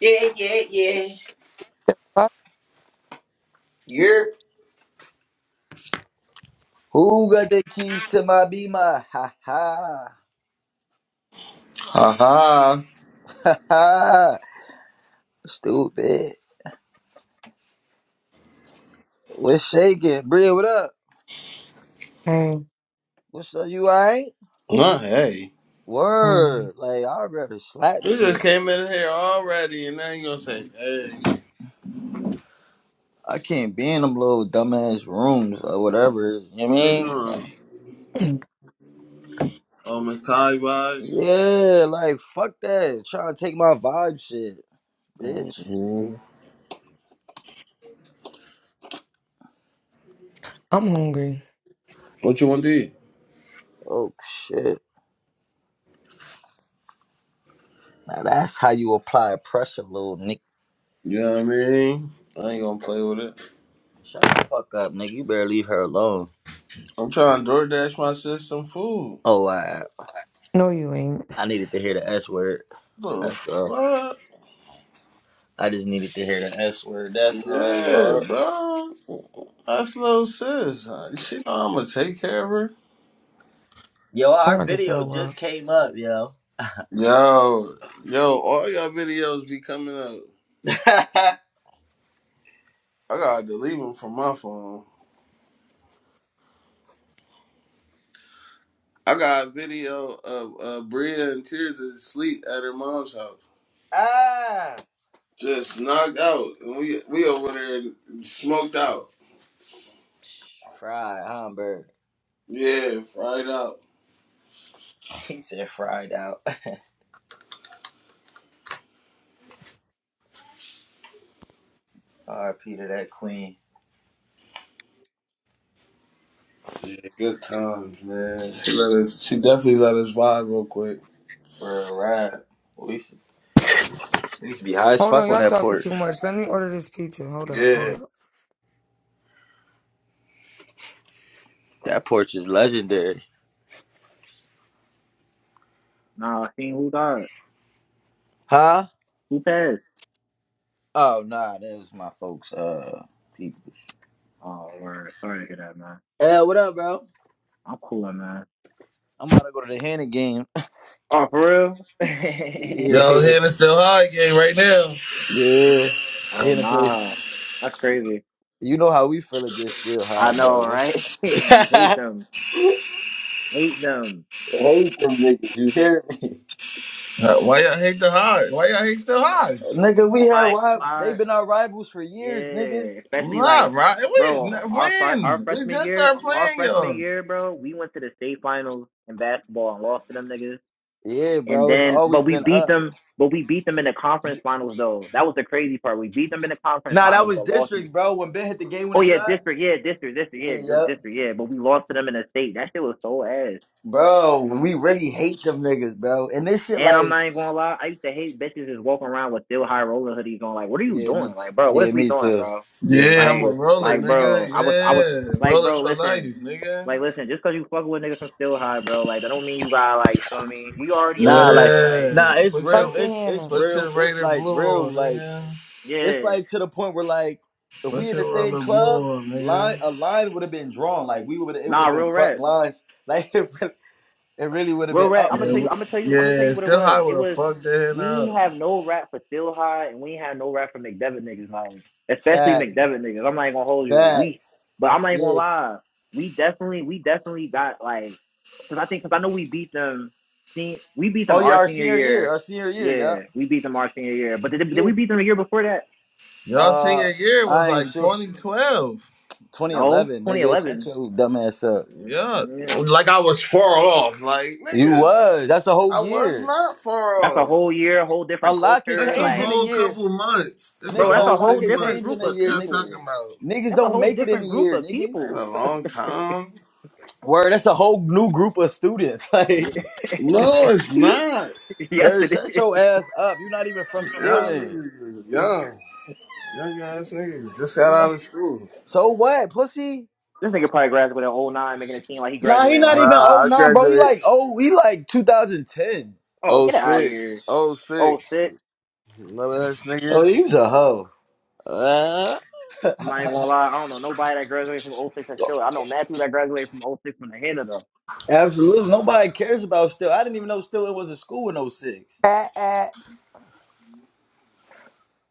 Yeah, yeah, yeah. Fuck. Yeah. Who got the keys to my beamer? Ha ha. Ha ha. Ha. Stupid. What's shaking? Bria, what up? Hey, What's up? You alright? Nah, hey. um, Word. Like, I'd rather slap You just shit. came in here already, and then you gonna say, hey, I can't be in them little dumbass rooms or whatever. You know what what I they mean? doing? I'm Oh, Miss Ty vibes? Yeah, like, fuck that. Trying to take my vibe shit, bitch. hmm hungry. What you want to eat? Oh, shit. Now, that's how you apply pressure, little nigga. You know what I mean? I ain't gonna play with it. Shut the fuck up, nigga. You better leave her alone. I'm trying to DoorDash my sis some food. Oh, I, no, you ain't. I needed to hear the S word. The That's all. fuck? I just needed to hear the S word. That's all, Yeah, Lord. bro. That's little sis. Uh, She know I'm gonna take care of her. Yo, I'm our about to video throw just up. came up, yo. Yo, yo, all y'all videos be coming up. I gotta delete them from my phone. I got a video of uh, Bria in tears and sleep at her mom's house. ah, Just knocked out. And we we over there smoked out. fried Hamburg. Yeah, fried out. He said fried out. R.P. to that queen. Yeah, good times, man. She let us she definitely let us vibe real quick. Real rap. We used, to, we used to be high as Hold on, fuck on y'all that talking porch. too much. Let me order this pizza. Hold up, hold Yeah. up. That porch is legendary. Nah, I seen who died? Huh? Who passed? Oh, nah, that was my folks. Uh, people. Oh, word. Sorry to hear that, man. Hey, what up, bro? I'm cooler, man. I'm about to go to the Hannah game. Oh, for real? Y'all Yeah, head is still high game right now. yeah. oh, In the place. nah. That's crazy. You know how we feel it gets still I high, know, bro. right? you hate I them. Hate them. hate them niggas. You hear me? Uh, Why y'all hate the high? Why y'all hate still high? Nigga, we had Quiet, ri- they quiet. been our rivals for years, nigga. Yeah. Nah, Especially like, right? bro, We n- our fr- our when? We freshman just year, started our playing freshman y'all. year, bro, we went to the state finals in basketball and lost to them niggas. Yeah, And bro. It's then, but always we been beat up. them. But we beat them in the conference finals, though. That was the crazy part. We beat them in the conference Nah, that finals, was but lost in the districts, bro. When Ben hit the game Oh winning yeah, shot. district, yeah, district, district, yeah, Yeah, it was yup. district, yeah. But we lost to them in the state. That shit was so ass. Bro, we really hate them niggas, bro. And this shit, And like, I'm not even gonna lie, I used to hate bitches just walking around with still high roller hoodies on. Like, what are you yeah, me, doing? t- Like, bro, what is yeah, we me doing, too. bro? Yeah, me Yeah, I'm too. a Like, roller, like, nigga. bro, I was, I was, Yeah. like, Rollers bro, for life, listen, nigga. like, listen, Just cause you fucking with niggas from still high, bro, like, that don't mean you got like, you know what I mean? We already Nah, know. Cause like like, Yeah. nah, it's Put real. Fuck your the It's it's Hannah. put real. your It's Raider like blue real. on, Like nigga. it's yeah, like to the point where like if we Put in the your same rubber club, blue on, line nigga. a line would have been drawn. Like we would it would nah, have been real front rap. lines. Like it really, it really would have Real been rap. up I'm gonna for Yeah, the tell you. I'm we gonna tell you. I'm gonna tell yeah, you what it still was. high It with a was fucked the hand we up. ain't have no rap for Still High, and we ain't have no rap for McDevitt niggas. Like especially facts. McDevitt niggas. I'm not even gonna hold you. We, Facts. but I'm not even gonna Yeah. lie. We definitely, we definitely got like, cause I think, cause I know we beat them. sen- We beat Oh them yeah, our our senior senior year. year. Our senior year. Yeah. Yeah, we beat them our senior year. But did, did Yeah. we beat them the year before that? Y'all Uh, senior year was I ain't like sure. 2012. No, 2011, nigga. Shut 2011. your dumbass up. Yeah. Yeah, Like I was far off. Like, You nigga, was. That's a whole I was year. not far that's a off. whole year, whole A different lot can culture. That's a change in a Like, whole year, couple months. That's a bro, nigga. that's A whole a lot whole six can different change months. in group a of Fuck year, y'all nigga. people. talking about. Niggas That's a don't whole make it in a different group year, of nigga. Ain't people. a long time. Word, that's a whole new group of students. Like, yes, No, it's not. bird, it shut is. your ass up. You're not even from Y'all Stilton. niggas is This young. Young ass You, niggas just got you know. out of school. So what, pussy? nigga probably graduated in oh 09, making it seem like he Nah, he graduated not Nah, even like, oh I nine, bro. He graduated like oh, he like 2010. oh, get out of '06. here. '06. '06, i None of us Oh, niggas. he was a hoe. Uh. I'm not even gonna lie. I don't know nobody that graduated from '06 that's still. I know Matthew that graduated from '06 from the head of them. Absolutely, nobody cares about Stilton. I didn't even know Stilton was a school in oh six. At, at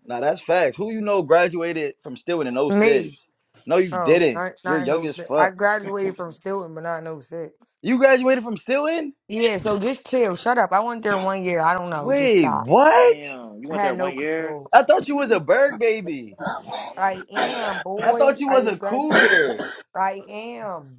Nah, that's facts. Who you know graduated from Stilton in oh me. six? No, you Oh, didn't. not, You're not in young oh as 06. I fuck. graduated from Stilton, but not in oh 06. You graduated from Stilton? Yeah, so just chill. Shut up. I went there one year. I don't know. Just Wait, stop. what? Damn, you I went there had no one year? control. I thought you was a bird baby. I am, I boy. thought you I was just a grad. cougar. I am.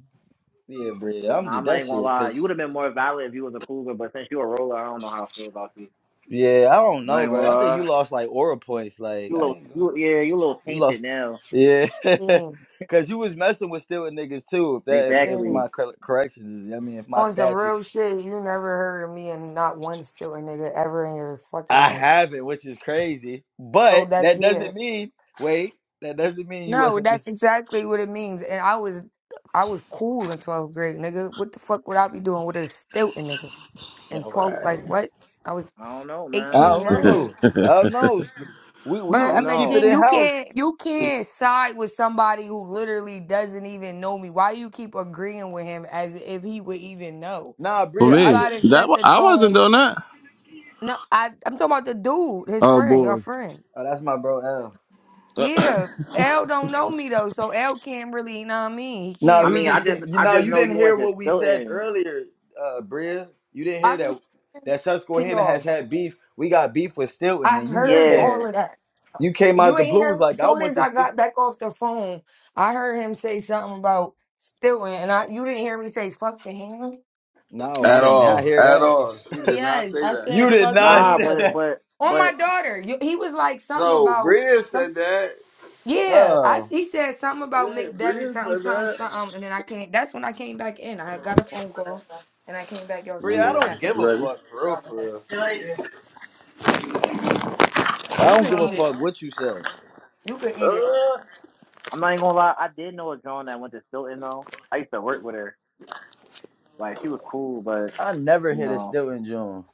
Yeah, bro. I'm Nah, just I'm not that even gonna shit. lie. You Cause would have been more valid if you was a cougar, but since you a roller, I don't know how I feel about you. yeah, I don't I'm Not know, even bro. gonna I think you lie. lost like aura points. Like You a I little, ain't going. you, yeah, you a little You tainted lost. now. Yeah, Shame. cause you was messing with stealing niggas too. If that, if, if Shame. Exactly. my cor- corrections is, I mean, if my On some stats is, real shit, you never heard of me and not one stiller nigga ever in your fucking I life. haven't, which is crazy. So But that that yeah. doesn't mean. Wait, that doesn't mean you No, wasn't. that's exactly what it means. And I was I was cool in twelfth grade, nigga. What the fuck would I be doing with a stilton nigga? In All twelve like right. what? I was I don't know, I man. eighteen don't years know. old. I don't know. We I we But I don't we mean keep know. it Sheen, in you house. can't you can't side with somebody who literally doesn't even know me. Why do you keep agreeing with him as if he would even know? Nah, For Bria, You I me, did. gotta that set wa- the I tone wasn't doing that. No, I I'm talking about the dude, his Oh friend, your boy. friend. Oh, that's my bro L. Yeah, at L don't know me though, so L can't really, you know what I mean? He No, can't I he mean, I just really. said just you I know just you know didn't you hear went to what we said Stilton. earlier, uh Bria. You didn't hear I've been that listening that to Susquehanna has y'all. had beef. We got beef with Stilton I and you just heard came all Yeah. of that. you came You out the ain't blue was hear. As like I soon want as I this to-" got back off the phone, I heard him say something about stealing, and I you didn't hear me say fuck the Hannah. No, I did not all. hear At that. all. She did not yes, say I that. You said did fuck the not Nah, say Hannah but that. but on my but daughter. You, he was like something No, about Bria some. said that. Yeah, I Oh. he said something about Yeah, McDevitt, Bria something, said something, that. something, and then I came. That's when I came back in. I got a phone call, and I came back. Y'all was Bria, talking I Yeah. about that, don't but give a You ready? fuck for real for real. I you don't can give a eat it. fuck what you said. You can eat it. Uh, I'm not even gonna lie, I did know a Joan that went to Stilton though. I used to work with her. Like she was cool, but I never you hit a know, Stilton June.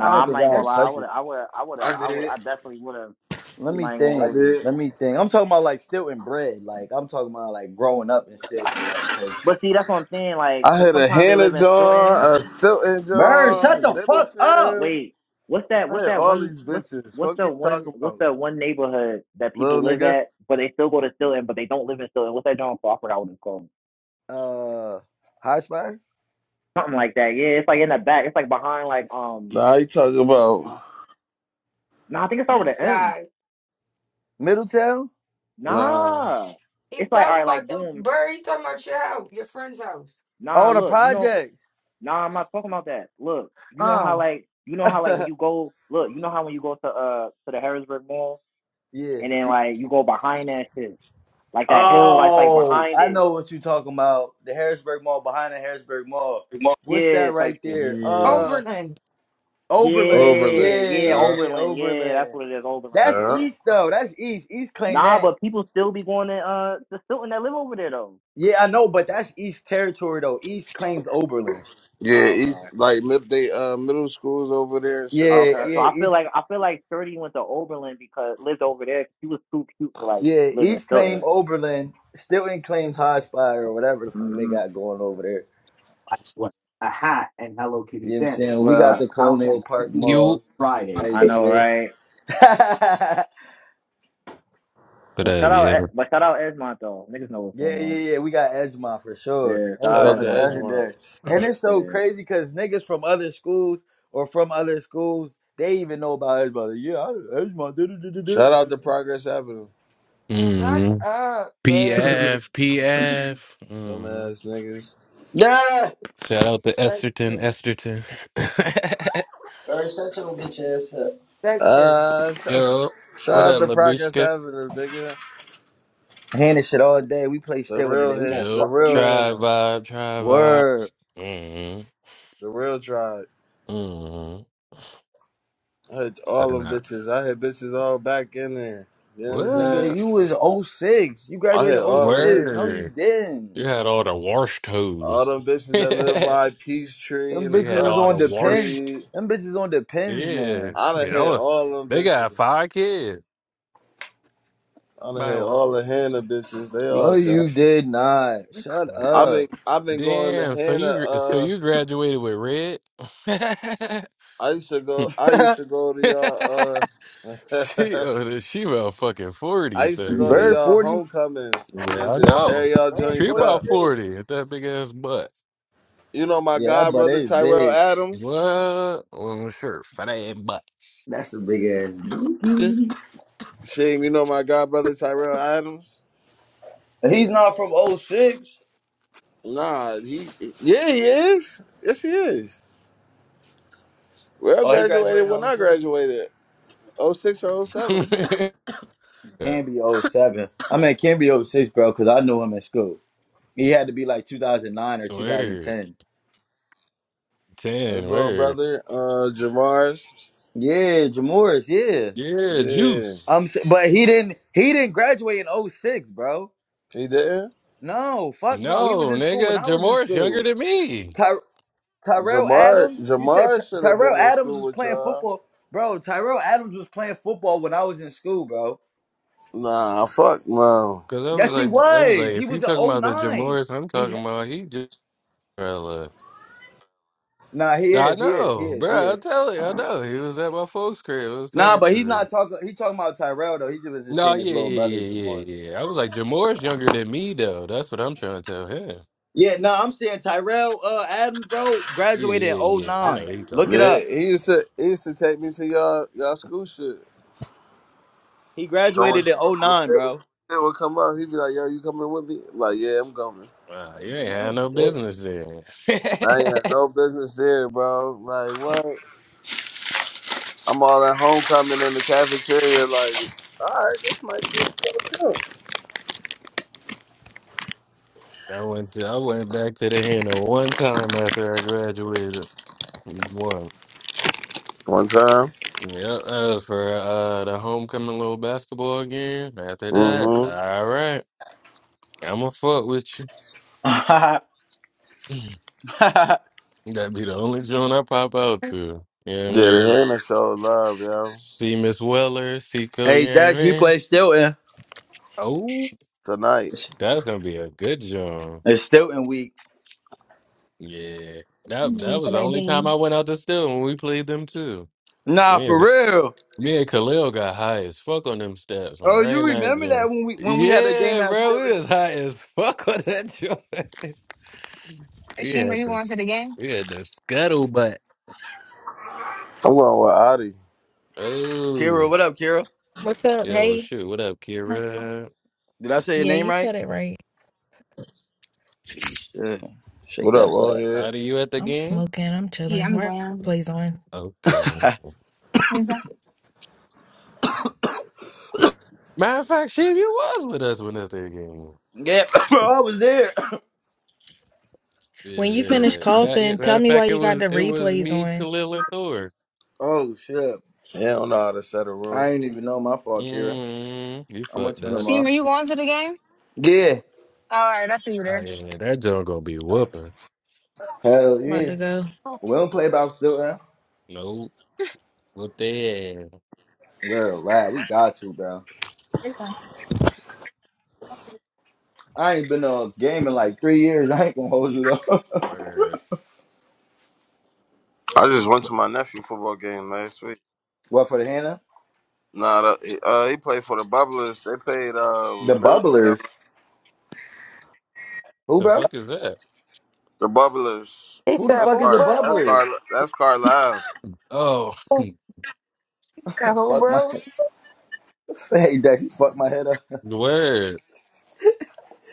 I don't I'm think not even I'll gonna That's lie, I touch would it. I would I would I I would did. I definitely would have Let I'm not me even gonna I think. hold you. did. Let me think. I'm talking about like still bread. Like I'm talking about like growing up and still like type But see, that's what I'm saying, like, I 'cause had a sometimes they Hannah live in Stilton. John, a Stilton Bird, shut John, the fuck up. Middleton. Wait, what's that I what's had that all one these what's bitches. What's Fuck the you one? talking What's about, the one neighborhood that people little live nigga. at, but they still go to Stilton, but they don't live in Stilton? What's that John Crawford? I would have called. Uh, High Spire, Something like that. Yeah, it's like in the back. It's like behind like um Nah, you talking about nah, I think it start with East an M. Side. Middletown. nah. Nah. He's It's like all talking right, about like the boom, bird. He's talking about your house, your friend's house. nah, Oh, the look, you know, projects. nah, I'm not talking about that. Look, you know how Um, like you know how like when you go look, you know how when you go to uh to the Harrisburg Mall yeah. and then like you go behind that shit. Like that hill, like it's, like Oh, behind I it. know what you are talking about. The Harrisburg Mall behind the Harrisburg Mall. What's Yeah, that type right shit. there? Yeah, Uh, Oberlin. Oberlin. Overland. Yeah, Yeah, yeah, Yeah, yeah, yeah, Oberlin, yeah, that's Oberlin. what it is, Oberlin, That's yeah, yeah. east though. That's east. East claim Nah, that but people still be going to uh to still in that live over there though. Yeah, I know, but that's East territory though. East claimed Oberlin. yeah. Oh, okay. East like mid they uh middle schools over there and shit like Yeah, Okay, that. so yeah, I feel East like I feel like Shorty went to Oberlin because lived over there. She was too cute to like yeah, live in East claimed Philly. Oberlin. Still in claims High Spire or whatever the fuck they hmm got going over there. last one, a hat and Hello You Kitty know what I'm Sands. saying? We My got the Well, house at Colonial 9 Park Mall You Friday. type I eight know, to shit. right? yeah, What But shout up, out, yeah? E- but shout out Esmont though. Niggas know what's yeah, going on. yeah. We got Edgemont for sure. Yeah, Shout shout out out Edgemont to is Esmont Edgemont. legendary. And it's so though. crazy because niggas from other schools or from other schools, they even know about Edgemont. Like, yeah, I- Edgemont. do do do do do. Shout Like, out to Progress Avenue. Shut Mm. up, bird. PF, Yeah. Mm. Dumbass niggas. nah. Shout out to Esterton, Dexter. Esterton. All right, shut your bitch ass up. Dexter. Uh, shout, Yo, what shout out up, to Progress Labishka? Avenue, nigga. Handing shit What all about? day. We play The still real today. We Han- gonna Yo, the fuck them real up. tribe Hannah, vibe, tribe Word. vibe. Mm. the real tribe. Mm. I hit all Setting them up. bitches. I hit bitches all back in there. You know what I'm saying? Nigga, What? you was '06. You I hit graduated all them '06. No, bitches. you Word. didn't. You had all the wash All toes. them bitches you that live by Peachtree Them and had bitches is across all the on the depends. wash street. Them bitches on depends Yeah, now. I done yeah. hit well, all them They got bitches. five kids. I done My hit one. all the Hannah bitches. They No, all done. you did not. Shut I've up. been I've been going to Damn. So Hannah. you gr- so Uh, you graduated with red? I used to go. I used to go to y'all. Uh, she oh, she about fucking I forty. used So to go to yeah, Bird y'all 40. homecomings yeah. and I just tear know. y'all Bird She joints about up. 42. forty with that big ass butt. You know my Yeah, that god butt brother is Tyrell big. Adams. What? Well, sure, fat ass butt. That's a big ass Good. boogie. Shame, you know my god brother Tyrell Adams. He's not from '06. Nah, he yeah he is. Yes he is. Well Oh, he graduated graduated when in I 06? graduated, Oh six or oh seven. It can be '07. I mean, it can be '06, bro, because I knew him in school. He had to be like 2009 or word 2010. His ten. little Word. brother, uh, Jamar's. Yeah, Jamoris. Yeah, Yeah, Yeah, juice. I'm. s- But he didn't. He didn't graduate in '06, bro. he didn't. No, fuck no. He was No, in school when nigga, I was in Jamore's younger school. than me. Ty- Tyrell Jamar Adams. You said Jamar Ty- should have been Tyrell in Adams school was with playing y'all. football, bro. Tyrell Adams was playing football when I was in school, bro. Nah, fuck no. Cause I was Yes, he like, I was like, was. He if you was in talking about the '09. Jamoris, I'm He. talking about he just. Bruh, look. Nah, he I is. He is. He know, is. He bro. I is. tell you, I know. He was at my folks' crib. I was Nah, talking but to he's not him. talking. He talking about Tyrell though. He just was just No, saying his yeah, little yeah, brother, yeah, Jamoris. yeah, yeah. I was like, Jamoris younger than me though. That's what I'm trying to tell him. Yeah, no, I'm saying Tyrell uh Adams, bro, Yeah, graduated yeah, in yeah. I know '09. what he Look talking it about. Yeah, up. he used to he used to take me to y'all y'all school shit. He Going, graduated shit in would '09, when bro. shit would come up. He'd be like, "Yo, you coming with me?" I'm like, "Yeah, I'm coming." Wow, you ain't No, had he no didn't. business then. I ain't had no business there, bro. Like what? I'm all at homecoming in the cafeteria. Like, all right, this might be a good jump. I went to, I went back to the handle one time after I graduated. One. One time. Yep, as for uh the homecoming little basketball game, after that, Mm-hmm. all right, I'ma fuck with you. That'd be the only joint I pop out to. You know what Yeah, I the mean? Hannah showed love, yo. See Miss Weller, see Co, you hey, know what Dax, I we mean? played Stilton. Oh, Tonight, It's that's gonna be a good joint. Stilton week. Yeah. I'm That going that to was the that only time I game. went out to steal when we played them too. Nah, Yeah. for real. Me and Khalil got high as fuck on them steps on Oh, you right now, remember that John. when we when we had a game Yeah, at bro, we Stilton? was high as fuck on that joint. We Sheem, are had you the going to the game? we had the scuttlebutt. I'm going with Adi. Kira, Oh, what up, Kira? What's up? yo, Hey. shoot. What up, Kira? Did I say your Yeah, name you right? said it right. Gee, shit. Shake What up, that butt. Rohit? Are you at the I'm game? smoking. I'm Yeah, chilling. I'm Why going. replays on? Okay. Exactly. Matter of fact, she you was with us when at the game. yeah, bro, I was there. When you finish Yeah. Matter, yeah, coughing, matter tell of me why fact, it you got was the it was replays me, on. Khalil, and Thor. oh, shit. Yeah, I don't know how to set a room. I didn't even know my fault, Kira. Mm, you I'm gonna fucked turn that? up. them Sheem, off. are you going to the game? Yeah. All right, I see you Oh there. yeah, that joint gonna be whooping. Hell I'm about to yeah. go. Oh, We don't play about still, man. Nope, whoop their ass. Well, right, we got you, bro. it's fine. I ain't been to a game in like three years. I ain't gonna hold you though. Word. I just went to my nephew football game last week. what for the Hannah? Nah, the, uh, he played for the Bubblers. They played um, The Middletown. bubblers. Who, The bro? fuck is that? The Bubblers. He Who the said, That's fuck "Oh, is a Car. That's bro." bubbler? Car. That's Carlisle. Oh, He said, "Oh, fuck my bro." hey, Dex, you fuck my head up. word.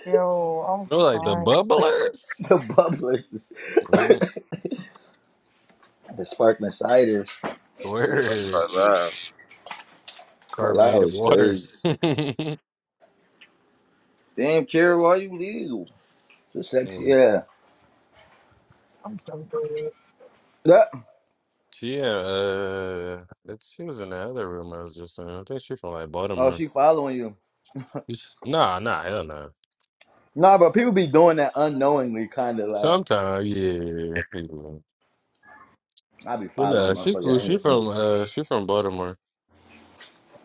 Yo, They're I'm like the crying. bubblers. the bubblers, is- Mm, the sparkling ciders. Yeah, that's Word. Carlisle. Carlisle carbonated is crazy. waters. Damn, Kira, why you leave? So sexy, Mm. yeah. I'm so good. Yeah. She, yeah, uh, that she was in the other room I was just in. I think she from like Oh, Baltimore. she following you. You sh- Nah, nah, hell no. Nah, but people be doing that unknowingly, kind of like Sometimes, yeah, yeah. I be But following nah, she cool. She motherfucker. from uh, she from Baltimore.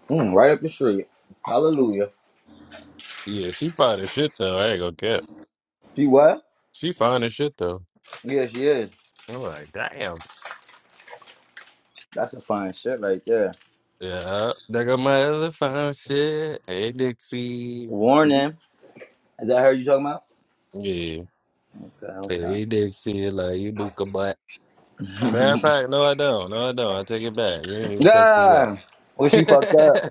Mm, right up the street. Hallelujah. Yeah, she fine as shit though. I ain't gonna cap. She what? She fine as shit though. Yeah, she is. I'm like, damn. That's a fine shit right there. Yeah, uh, they got my other fine shit. Hey Dixie. Warning. Is that her you talking about? Yeah. Okay, okay. Hey Dixie, like you book a Matter of fact, no, I don't. No, I don't. I take it back. You ain't even text me back. Yeah. Well, she fucked up.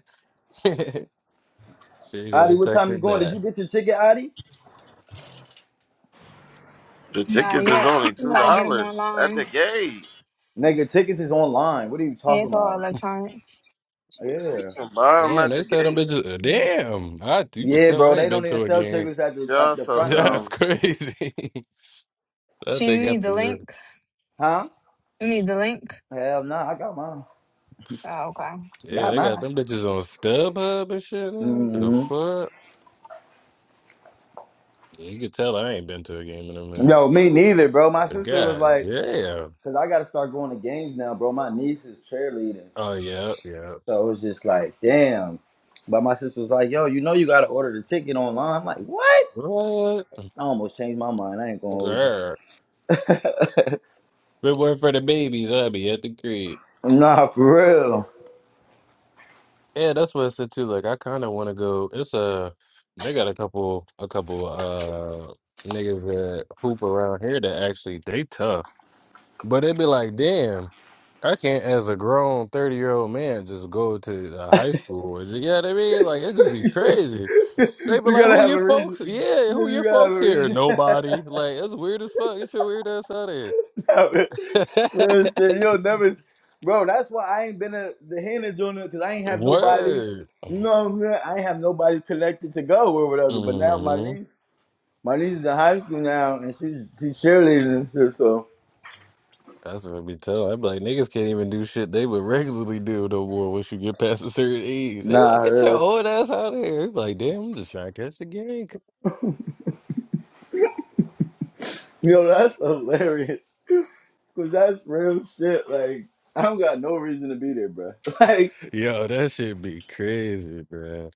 she ain't Adi, even what text time you me going? Did back. you get your ticket, Adi? The Not tickets is yet. only You two gotta get them dollars at the online. gate. You Nigga, tickets is online. What are you Yeah, talking it's all about? electronic. Yeah. can buy 'em Damn, at they the said them gate. bitches. uh, Mhm. Damn, I you could Yeah, tell bro. I They ain't been don't even to a sell game. tickets at the at Y'all the so front no more. That's dumb. crazy. That Sheem, they you need got the link. the Huh? You need the link. Hell no. I got mine. Oh, okay. yeah, Got they got mine. them bitches on StubHub and shit. man. The Mm-hmm. fuck, Yeah, you could tell I ain't been to a game in a minute. Yo, me neither, bro. My But sister was God like, damn. because I got to start going to games now, bro. My niece is cheerleading. Oh yeah, yeah. So it was just like, damn. But my sister was like, yo, you know you gotta order the ticket online. I'm like, what? What? I almost changed my mind. I ain't gonna hold you. Girl, if it weren't for the babies, I'd be at the crib. Nah, for real. Yeah, that's what I said too. Like, I kind of want to go. It's a they got a couple, a couple uh niggas that hoop around here that actually they tough, but it'd be like, damn, I can't as a grown thirty year old man just go to uh, high school. Or, ju- you know what I mean? Like, it just be crazy. They be you like, gotta who have your a reason. folks? Yeah, You who gotta you your gotta have folks a here? reason. Nobody. Like, it's weird as fuck. Get your weird ass out of here. Nah, man. real shit. You'll never, bro. That's why I ain't been a the handler doing it because I ain't have nobody. Word. You know what I'm saying? I ain't have nobody connected to go or whatever. But now my hmm niece, my niece is in high school now, and she's she's cheerleading and shit. So That's what I be tell. i be like, niggas can't even do shit they would regularly do no more once you get past a certain age. They be like, get your nah, old ass out of here. You be Like, damn, I'm just trying to catch the game. Yo, that's hilarious. Cause that's real shit. Like, I don't got no reason to be there, bro. Like, Yo, that shit be crazy, bruh.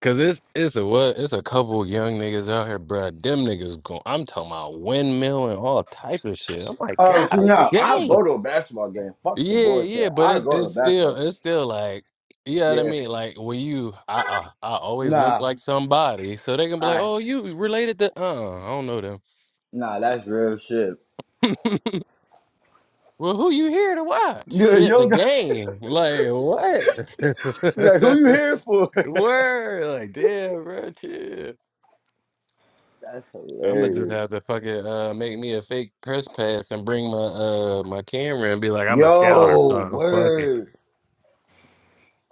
Cause it's it's a what it's a couple young niggas out here, bruh. Them niggas go. I'm talking about windmill and all type of shit. I'm like, Oh, see, god no, I'll damn. go to a basketball game. Fuck the Yeah, bullshit. yeah, but I'll it's go to a it's basketball still game. it's still like you know what I yeah, mean. Like when you, I I, I always look nah, like somebody, so they can be like, I "Oh, you related to?" Uh, I don't know them. Nah, that's real shit. Well, who you here to watch? yeah, you Shit, the don't got. game. Like what? Like, who you here for? Word. Like damn, bro. Chill. That's I'm gonna just hilarious. have to fucking uh make me a fake press pass and bring my uh my camera and be like, I'm a scout or Yo, something. Fuck word.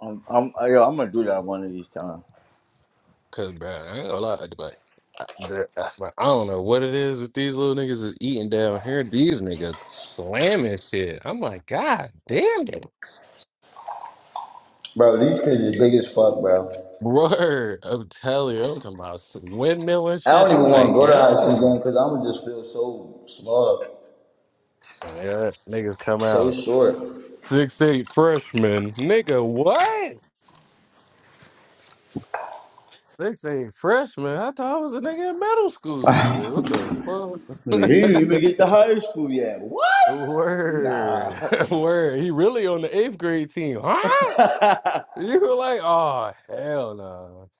I'm, I'm, yo, I'm gonna do that one of these times. Cause bro, I ain't gonna lie, like I, the- I like, I don't know what it is that these little niggas is eating down here. These niggas slamming shit. I'm like, God damn it. Bro, these kids is big as fuck, bro. Word, I'm telling you, I'm talking about s- windmill and I shit. don't I'm even want to like, go to high school yo, game because I'ma just feel so small. So, yeah, niggas come So out short. six eight freshman, nigga, what? Six eight freshman? I thought I was a nigga in middle school. Like, what He the didn't fuck? even get to high school yet. What? Nah. Word, word. He really on the eighth grade team, huh? You were like, oh hell no,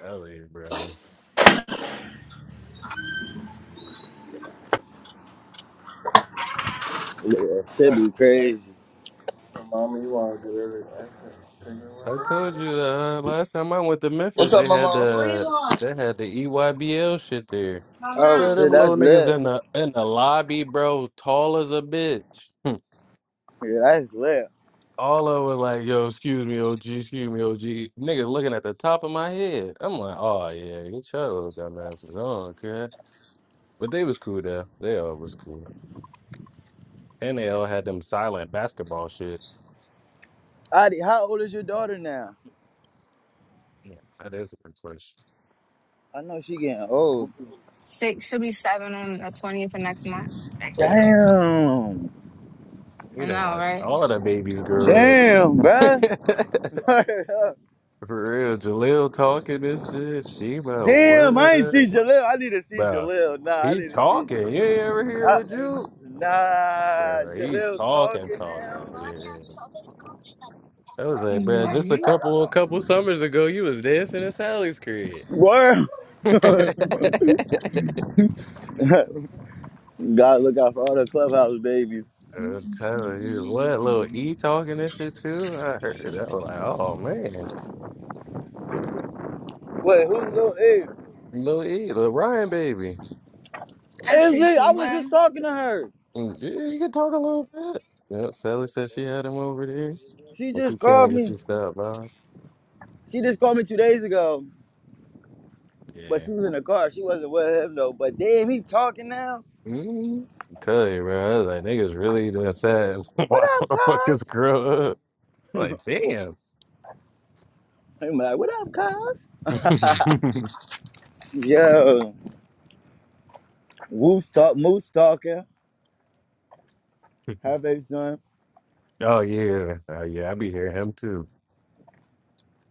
hell yeah, bro. Yeah, would be crazy. Mama, you want to get her accent? I told you uh, last time I went to Memphis, What's up, they had Mama? What do you the want? they had the EYBL shit there. Come Oh, Bro, on, them shit, that's little niggas lit. in the in the lobby, bro, tall as a bitch. Yeah, that's lit. All of was like, yo, excuse me, OG, excuse me, OG. Nigga looking at the top of my head. I'm like, oh yeah, get your little dumbasses on, okay? But they was cool though. They all was cool. NL had them silent basketball shits. Adi, how old is your daughter now? Yeah, that is a good question. I know she getting old. Six should be seven on the twentieth of next month. Damn. Damn. I You done know, watched right? all the babies grow up. Damn, bruh. For real, Jaleel talking and shit. Sheba, Damn, I ain't what? see Jalil. I need to see Bro, Jalil. Nah, I he need to see. talking. You ain't ever hear I, with you? nah, Bro, he Jalil's talking, talking talking. now. Yeah. I was like, bro, just a Mm-hmm. couple a couple summers ago, you was dancing at Sally's crib. Word. God, look out for all the clubhouse babies. I'm telling you, what little E talking this shit too? I heard that. I was like, oh man, Wait, who's who A? little E, little Ryan baby. I It's treat me. you I was well. just talking to her. Mm, Yeah, you can talk a little bit. Yeah, Sally said she had him over there, She but just she called came with me. you stuff, bro. She just called me two days ago, but Yeah. she was in the car. She wasn't with him though. But damn, he talking now. mm I'm you, bro. I was like, niggas really just sad. What Watch up, motherfuckers Cos? grow up. I'm like, damn. I'm like, what up, Cos? Yo, Moose talk, Moose talking. Her baby son. oh yeah, oh yeah. I be hearing him too.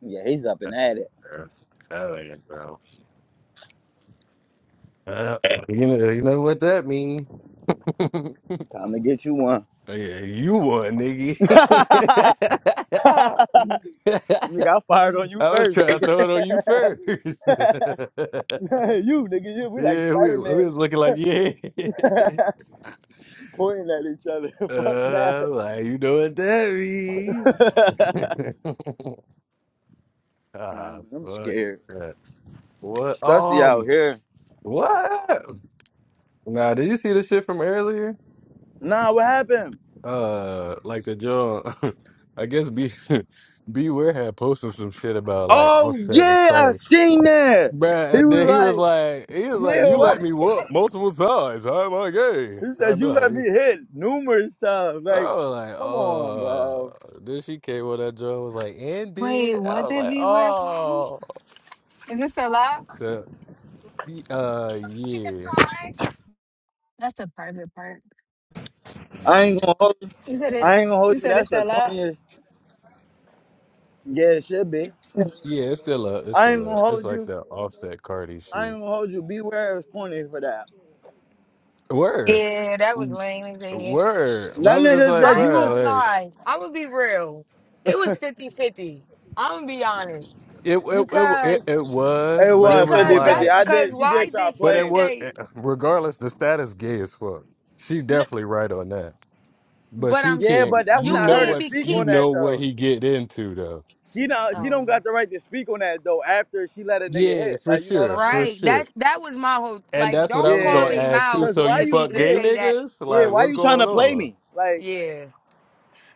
Yeah, he's up and at it. I'm telling you, bro. Uh, you know, you know what that means. Time to get you one. Yeah, you won, nigga. nigga, I fired on you I was first, trying to nigga. throw it on you first. you, nigga, you. We like yeah, we, Spider Man we was looking like yeah. pointing at each other. Fuck Uh, like you know what that means. that. Nah, ah, I'm fuck scared, that. What? especially out Um, here. what? Nah, did you see the shit from earlier? Nah, what happened? Uh, like the John. I guess be beware had posted some shit about like Oh Offset and yeah, I Cardi. seen that. He Bruh, and was then he was like, like, he was like, yeah, you what? let me whoop multiple times. How am I gay? He I said you know. how let me he- hit numerous times. Like, I was like, come on, bro. oh. Then she came with that joke. Was like, and Wait, did I what was did like, we wear oh. post? Is this a lie? So, y- uh, That's the yeah, park. That's a private part. I ain't yeah, gonna hold. you. You said it. I but ain't gonna You hold you. said it's That's the that lot. corniest. Yeah, it should be. yeah, it's still up. It's I ain't still gonna up. It's hold like you. the offset Cardi I ain't shit. gonna hold you. Beware of corny for that. Word, Yeah, that was W- lame as hell. word. But I That was just niggas like, that I ain't you. gonna bruh, like lie. I'm gonna be real. It was 5050 I'm gonna be honest it, it, it, it, because it was, It but it was was because Fifty-fifty. that like. I because did. She why did try did But she it playing. was say? eh, regardless, the status gay as fuck. She "N- definitely right on that. But But you I'm can s- Yeah, but not that's you you not know her to can't what be speak you on keep. know that what though. he get into though. She do not she don't Oh, got the right to speak on that though. After she let a nigga Yeah, hit, for like you know what sure, I'm for saying? right. sure. That that was my whole And like. that's what I Don't was call gonna Yeah. him ask too. out Cause So why you if you he fuck could yeah gay say that. niggas? yeah Like Oh, why what's you trying going to play on? me? Like yeah.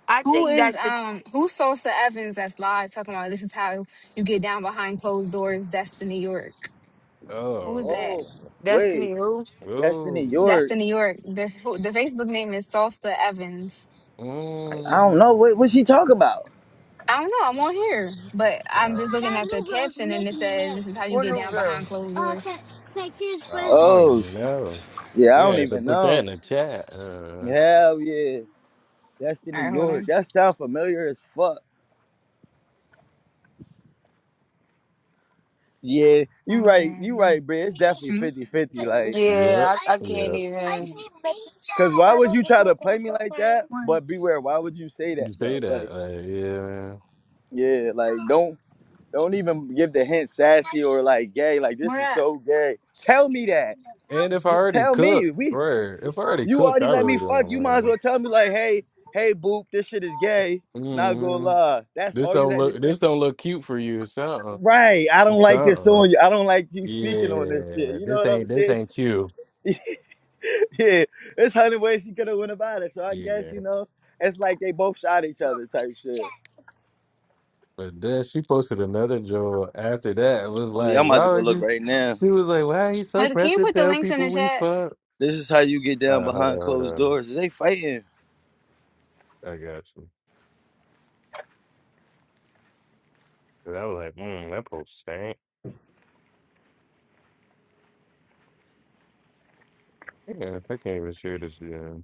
I Who think is that's the um who's Sosa Evans that's live talking about this is how you get down behind closed doors, Destiny York. Who is Oh, that? oh wait, Destiny who. Destiny ooh, York. Destiny York. The who- the Facebook name is Salsa Evans. Like, I don't know mm. what what she talk about. I don't know, I'm on here. But I'm oh, just looking that at the new girl's caption and it making me says mad. this is how you What get new down behind girl? closed Uh, doors. take take his oh, friends. I don't Oh even know. yeah, I You don't had to even put that know. in the chat. Uh, Hell yeah, All Destiny right, hold York. on. That sound familiar as fuck. Yeah, you right, you Um, right, bro. It's definitely hmm? fifty-fifty, Like, yep, Yeah, I, I can't yep. even. cause why would you try to play me like that? Where, But beware, why would you say that You say though? that? Like, Uh, yeah. yeah, like don't. Don't even give the hint sassy or like gay. Like this where is at? so gay. Tell me that. And if I J- already tell me. cooked, We right? If I already you cooked, already I let me really don't. fuck. You might as well want tell me like, hey, hey, boop, this shit is gay. to. Not gonna Mhm. lie. That's This all you don't had to look. say. This don't look cute for you. Something. Right. I don't like this Something. on you. I don't like you speaking on this shit. Yeah. You know This what I'm ain't. This saying? ain't you. yeah. There's hundred ways she could have went about it. So I guess Yeah. you know it's like they both shot each other type shit. But then she posted another joke after that. It was Oh yeah, I'm like, about why to go would look you? right now. She was like, why are you so Uh, Can pressed you to put the tell links in the people we chat? fuck? This is how you get down Uh, hold behind on, hold closed on. doors. They fighting. I got you. 'Cause I was like, mm, that post stank. Yeah, I can't even share this. Yeah.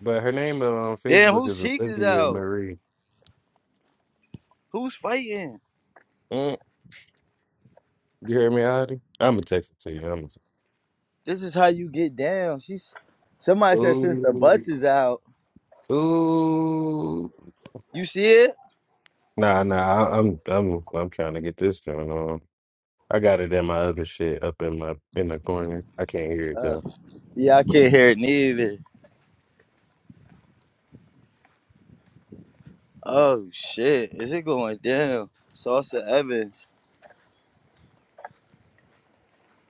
But her name on Damn, Facebook whose is cheeks is Olivia out? Marie. Who's fighting? You hear me, Adi? I'm gonna text it to you. I'm This is how you get down. She's gonna. somebody said since the Ooh, butts is out. ooh. You see it? Nah, nah. I, I'm, I'm, I'm trying to get this joint on. I got it in my other shit up in my in the corner. I can't hear it Uh, though. yeah, I can't hear it neither. Oh shit, is it going down? Salsa Evans.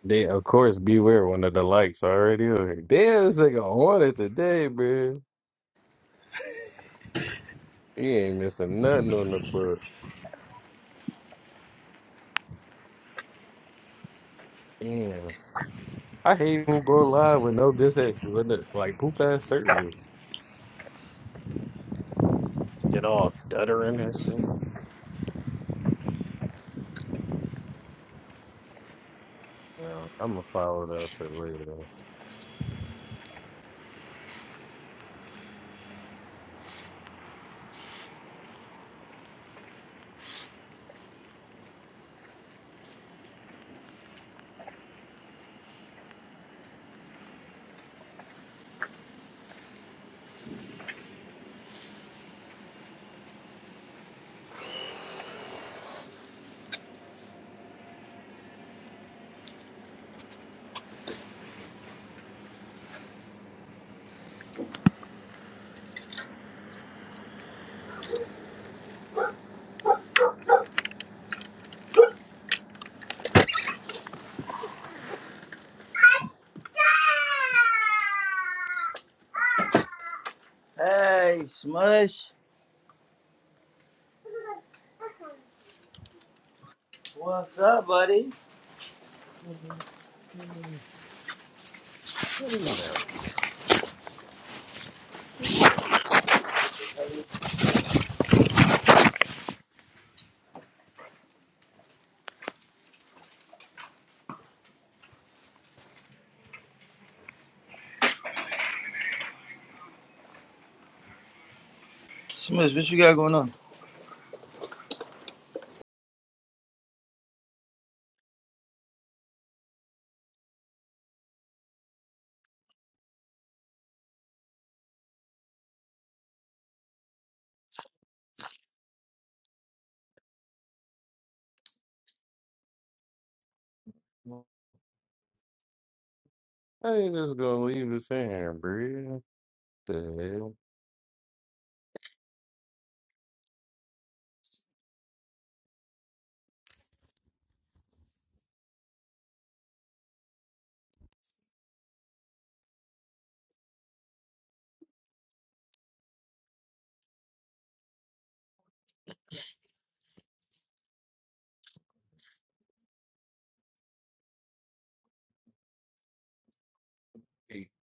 They, of course, beware. One of the likes already on here. Damn, this nigga on it today, man. He ain't missing nothing on the book. Damn. I hate who go live with no this at with the, like poop ass service. Shit all stuttering and shit. Well, I'm gonna follow that up for later. Hey, Smush. What's up, buddy? Hey, Smush, what you got going on? just gonna leave this in, bro. The hell?